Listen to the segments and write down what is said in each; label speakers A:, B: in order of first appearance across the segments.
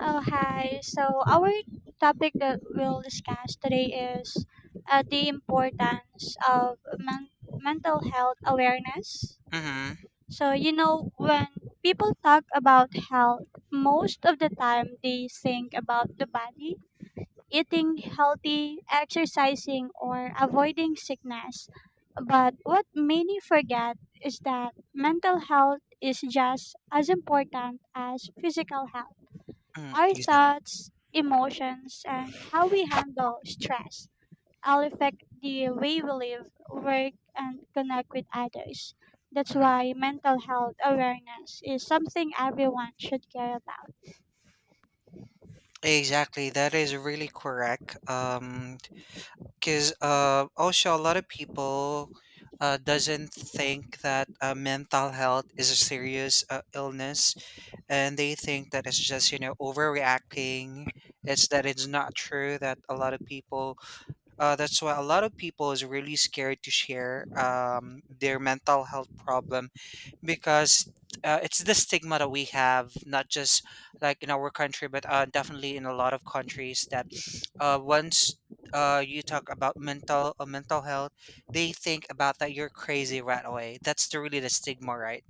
A: Oh, hi. So, our topic that we'll discuss today is the importance of mental health awareness.
B: Mhm.
A: So, you know, when people talk about health, most of the time they think about the body, eating healthy, exercising, or avoiding sickness. But what many forget is that mental health is just as important as physical health.
B: Mm,
A: Our
B: exact
A: thoughts, emotions, and how we handle stress all affect the way we live, work, and connect with others. That's
B: mhm.
A: why mental health awareness is something everyone should care about.
B: Exactly, that is really correct. Because also a lot of people, doesn't think that, mental health is a serious, illness, and they think that it's just, you know, overreacting. It's that it's not true that a lot of people. That's why a lot of people is really scared to share their mental health problem because it's the stigma that we have, not just like in our country, but definitely in a lot of countries that once you talk about mental health, they think about that you're crazy right away. That's the, really the stigma, right?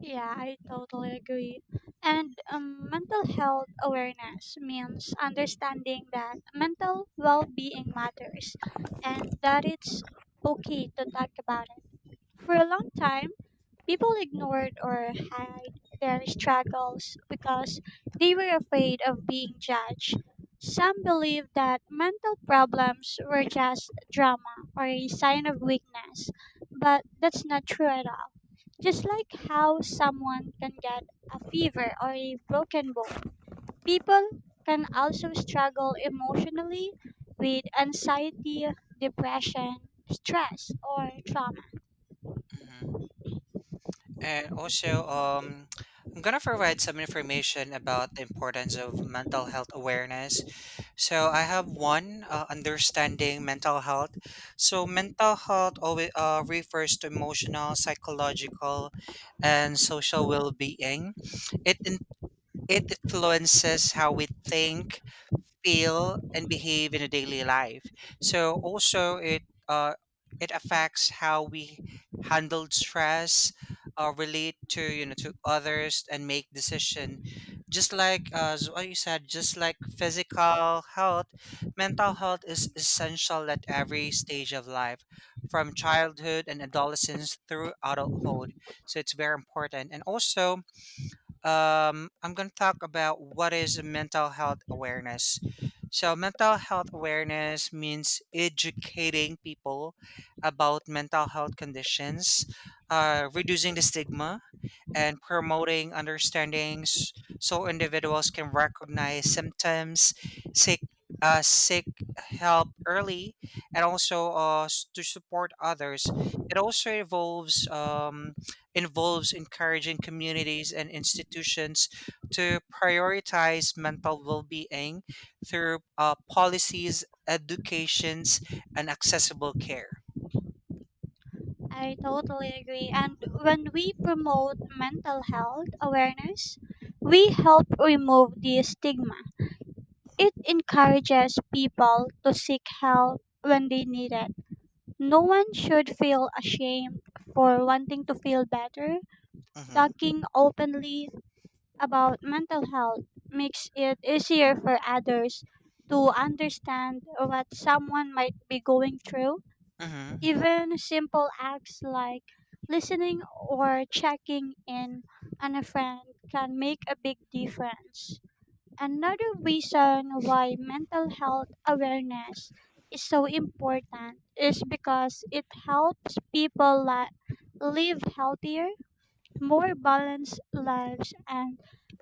A: Yeah, I totally agree. And mental health awareness means understanding that mental well being matters and that it's okay to talk about it. For a long time, people ignored or hid their struggles because they were afraid of being judged. Some believed that mental problems were just drama or a sign of weakness, but that's not true at all. Just like how someone can get a fever or a broken bone, people can also struggle emotionally with anxiety, depression, stress, or trauma.
B: Mhm. And also, I'm gonna provide some information about the importance of mental health awareness. So I have one understanding mental health. So mental health always refers to emotional, psychological, and social well-being. It in, it influences how we think, feel and behave in a daily life. So also uh, it affects how we handle stress, relate to, you know, to others, and make decision. Just like as what you said, just like physical health, mental health is essential at every stage of life, from childhood and adolescence through adulthood. So it's very important, and also I'm going to talk about what is mental health awareness. So, mental health awareness means educating people about mental health conditions, reducing the stigma, and promoting understandings so individuals can recognize symptoms, seek seek help early, and also to support others. It also involves encouraging communities and institutions to prioritize mental well-being through policies, educations, and accessible care.
A: I totally agree. And when we promote mental health awareness, we help remove the stigma. It encourages people to seek help when they need it. No one should feel ashamed for wanting to feel better.
B: Mm-hmm.
A: Talking openly about mental health makes it easier for others to understand what someone might be going through.
B: Mm-hmm.
A: Even simple acts like listening or checking in on a friend can make a big difference. Another reason why mental health awareness is so important is because it helps people live healthier, more balanced lives. And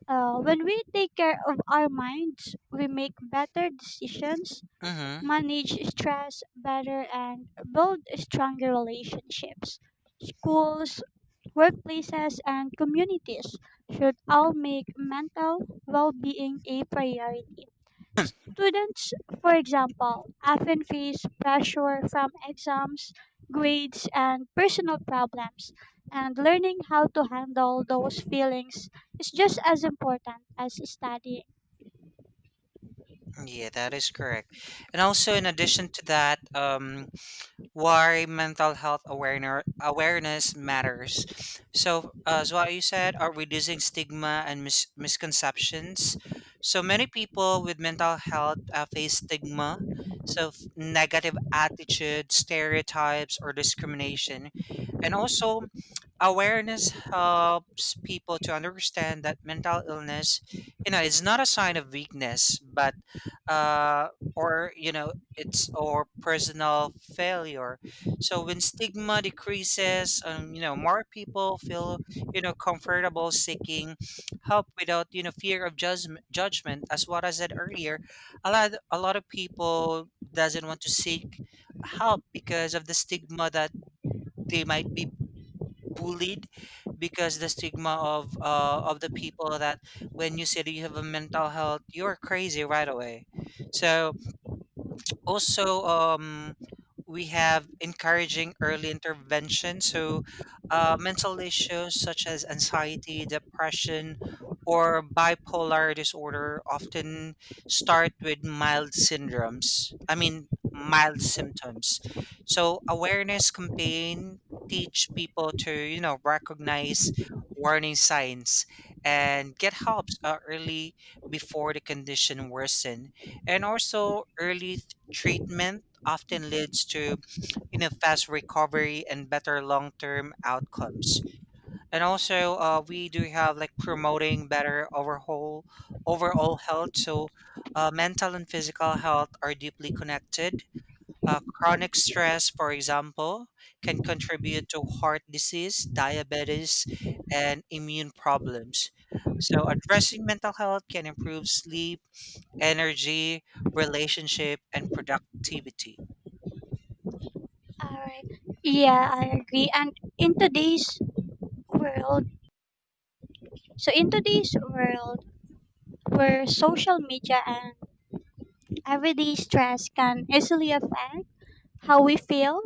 A: when we take care of our minds, we make better decisions,
B: Mm-hmm.
A: manage stress better, and build stronger relationships. Schools, workplaces, and communities should all make mental well being a priority. Students, for example, often face pressure from exams, grades, and personal problems, and learning how to handle those feelings is just as important as studying.
B: Yeah, that is correct. And also, in addition to that, why mental health awareness matters. So, as what you said, are reducing stigma and misconceptions. So many people with mental health face stigma, so negative attitudes, stereotypes, or discrimination, and also awareness helps people to understand that mental illness, you know, it's not a sign of weakness but uh or you know it's or personal failure. So when stigma decreases, you know, more people feel, you know, comfortable seeking help without, you know, fear of judgment. Judgment, as what I said earlier, a lot of people doesn't want to seek help because of the stigma that they might be bullied because the stigma of the people that when you say that you have a mental health you're crazy right away. So also, we have encouraging early intervention. So mental issues such as anxiety, depression, or bipolar disorder often start with mild syndromes, I mean mild symptoms. So awareness campaign teach people to, you know, recognize warning signs and get help early before the condition worsens. And also early treatment often leads to, you know, fast recovery and better long-term outcomes. And also we do have like promoting better overall health. So mental and physical health are deeply connected. Chronic stress, for example, can contribute to heart disease, diabetes, and immune problems. So, addressing mental health can improve sleep, energy, relationship, and productivity.
A: All right. Yeah, I agree. And in today's world. So in today's world where social media and everyday stress can easily affect how we feel,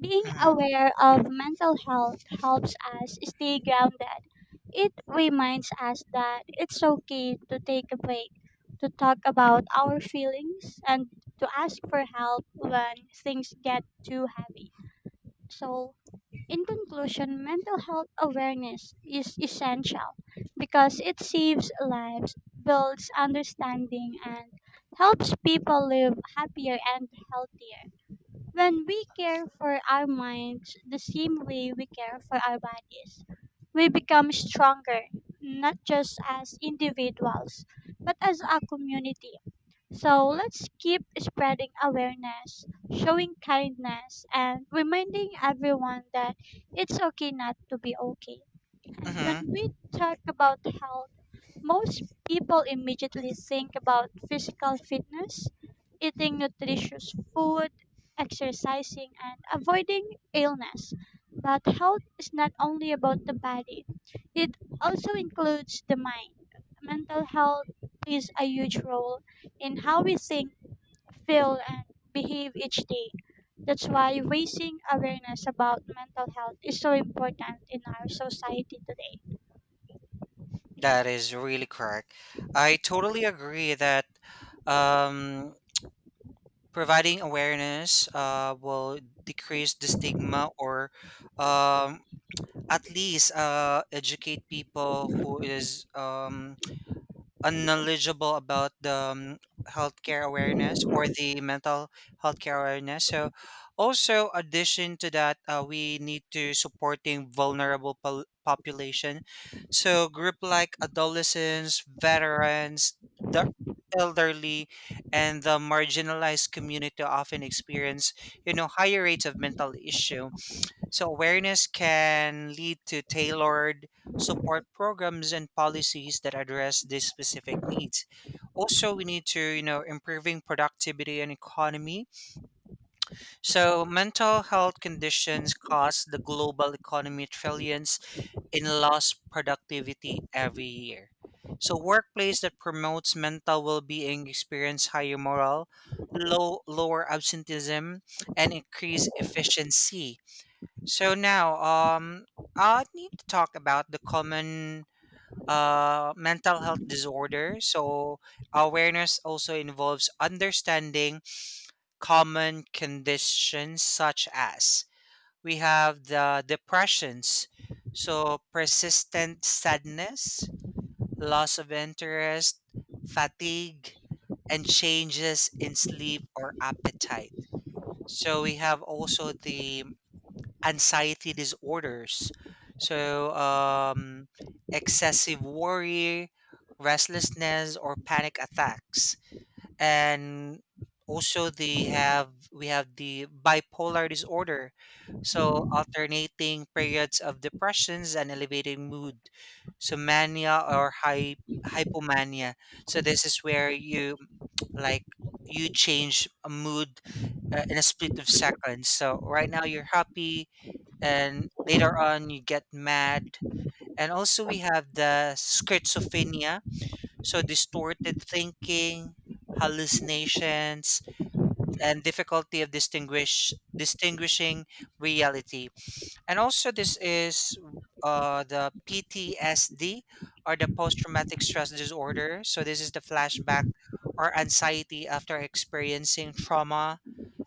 A: being
B: Mhm.
A: aware of mental health helps us stay grounded. It reminds us that it's okay to take a break, to talk about our feelings, and to ask for help when things get too heavy. So in conclusion, mental health awareness is essential because it saves lives, builds understanding, and helps people live happier and healthier. When we care for our minds the same way we care for our bodies, we become stronger, not just as individuals, but as a community. So let's keep spreading awareness, showing kindness, and reminding everyone that it's okay not to be okay. And when
B: Mhm.
A: we talk about health, most people immediately think about physical fitness, eating nutritious food, exercising, and avoiding illness. But health is not only about the body, it also includes the mind. Mental health plays a huge role in how we think, feel, and behave each day. That's why raising awareness about mental health is so important in our society today.
B: That is really correct. I totally agree that um, providing awareness will decrease the stigma or, um, at least educate people who is, unknowledgeable about the, healthcare awareness or the mental healthcare awareness. So, also addition to that, we need to supporting population. So, group like adolescents, veterans, the elderly, and the marginalized community often experience, you know, higher rates of mental issue. So awareness can lead to tailored support programs and policies that address these specific needs. Also, we need to, you know, improving productivity and economy. So mental health conditions cost the global economy trillions in lost productivity every year. So workplace that promotes mental well-being experience higher morale, lower absenteeism, and increase efficiency. So now, I need to talk about the common mental health disorder. So awareness also involves understanding common conditions such as we have the depressions, so persistent sadness, loss of interest, fatigue, and changes in sleep or appetite. So we have also the anxiety disorders. So, excessive worry, restlessness, or panic attacks. And also, they have we have the bipolar disorder. So, alternating periods of depressions and elevated mood. So, mania or hypomania. So, this is where you like you change a mood in a split of seconds. So right now you're happy, and later on you get mad. And also we have the schizophrenia, so distorted thinking, hallucinations, and difficulty of distinguishing reality. And also this is the PTSD or the post traumatic stress disorder. So this is the flashback or anxiety after experiencing trauma.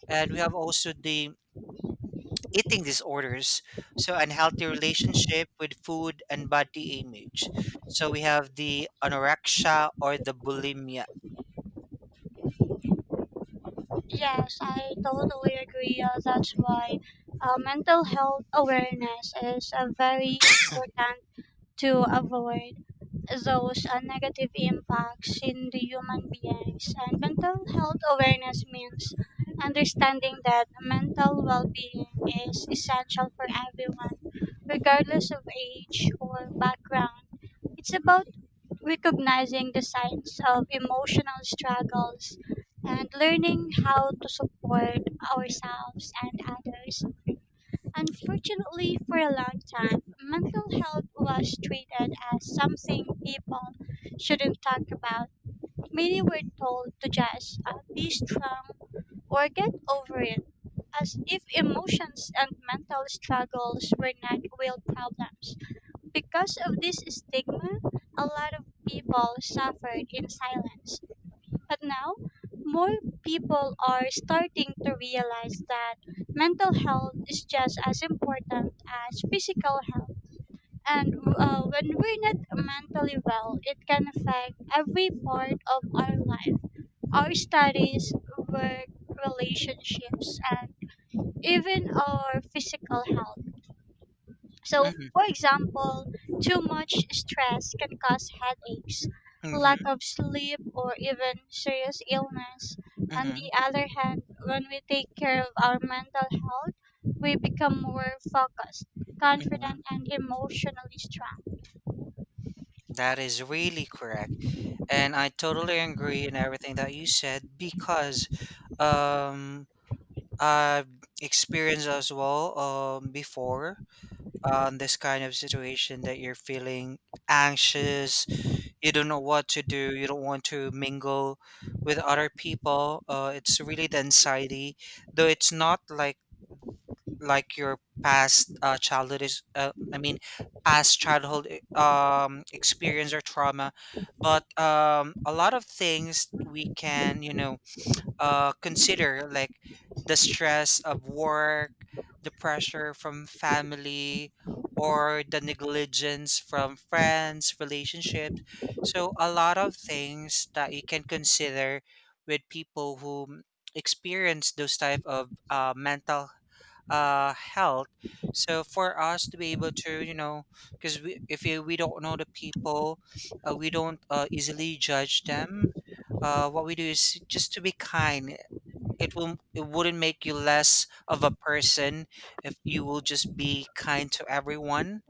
B: And we have also the eating disorders, so unhealthy relationship with food and body image. So we have the anorexia or the bulimia.
A: Yes, I totally agree. That's why mental health awareness is very important to avoid those negative impacts in the human beings. And mental health awareness means understanding that mental well being is essential for everyone, regardless of age or background. It's about recognizing the signs of emotional struggles, and learning how to support ourselves and others. Unfortunately, for a long time, mental health was treated as something people shouldn't talk about. Many were told to just be strong or get over it, as if emotions and mental struggles were not real problems. Because of this stigma, a lot of people suffered in silence. But now, more people are starting to realize that mental health is just as important as physical health. And when we're not mentally well, it can affect every part of our life, our studies, work, relationships, and even our physical health. So,
B: Mhm,
A: for example, too much stress can cause headaches, lack
B: mhm,
A: of sleep, or even serious illness. On
B: mhm,
A: the other hand, when we take care of our mental health, we become more focused,
B: mhm.
A: confident, and emotionally strong.
B: That is really correct. And I totally agree in everything that you said because, um, I've experienced as well, before, this kind of situation that you're feeling anxious, you don't know what to do, you don't want to mingle with other people. It's really the anxiety, though it's not like like your past childhood is past childhood experience or trauma. But, a lot of things we can, you know, consider like the stress of work, the pressure from family, or the negligence from friends, relationships. So, a lot of things that you can consider with people who experience those type of mental health. So, for us to be able to, you know, because we, if you, we don't know the people, we don't easily judge them. What we do is just to be kind. It wouldn't make you less of a person if you will just be kind to everyone,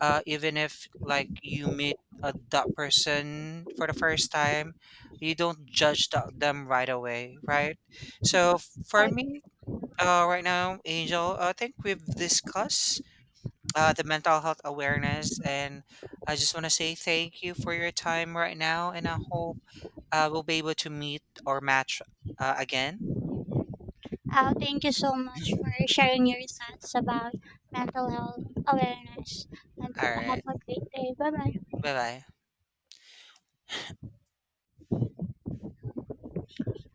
B: uh, even if like you meet a that person for the first time, you don't judge them right away, right? So
A: Uh,
B: for me, right now, Angel, I think we've discussed the mental health awareness, and I just want to say thank you for your time right now, and I hope we'll be able to meet or match again.
A: Thank you so much for sharing your thoughts about mental health awareness. And
B: All right.
A: have a great day. Bye bye.
B: Bye-bye.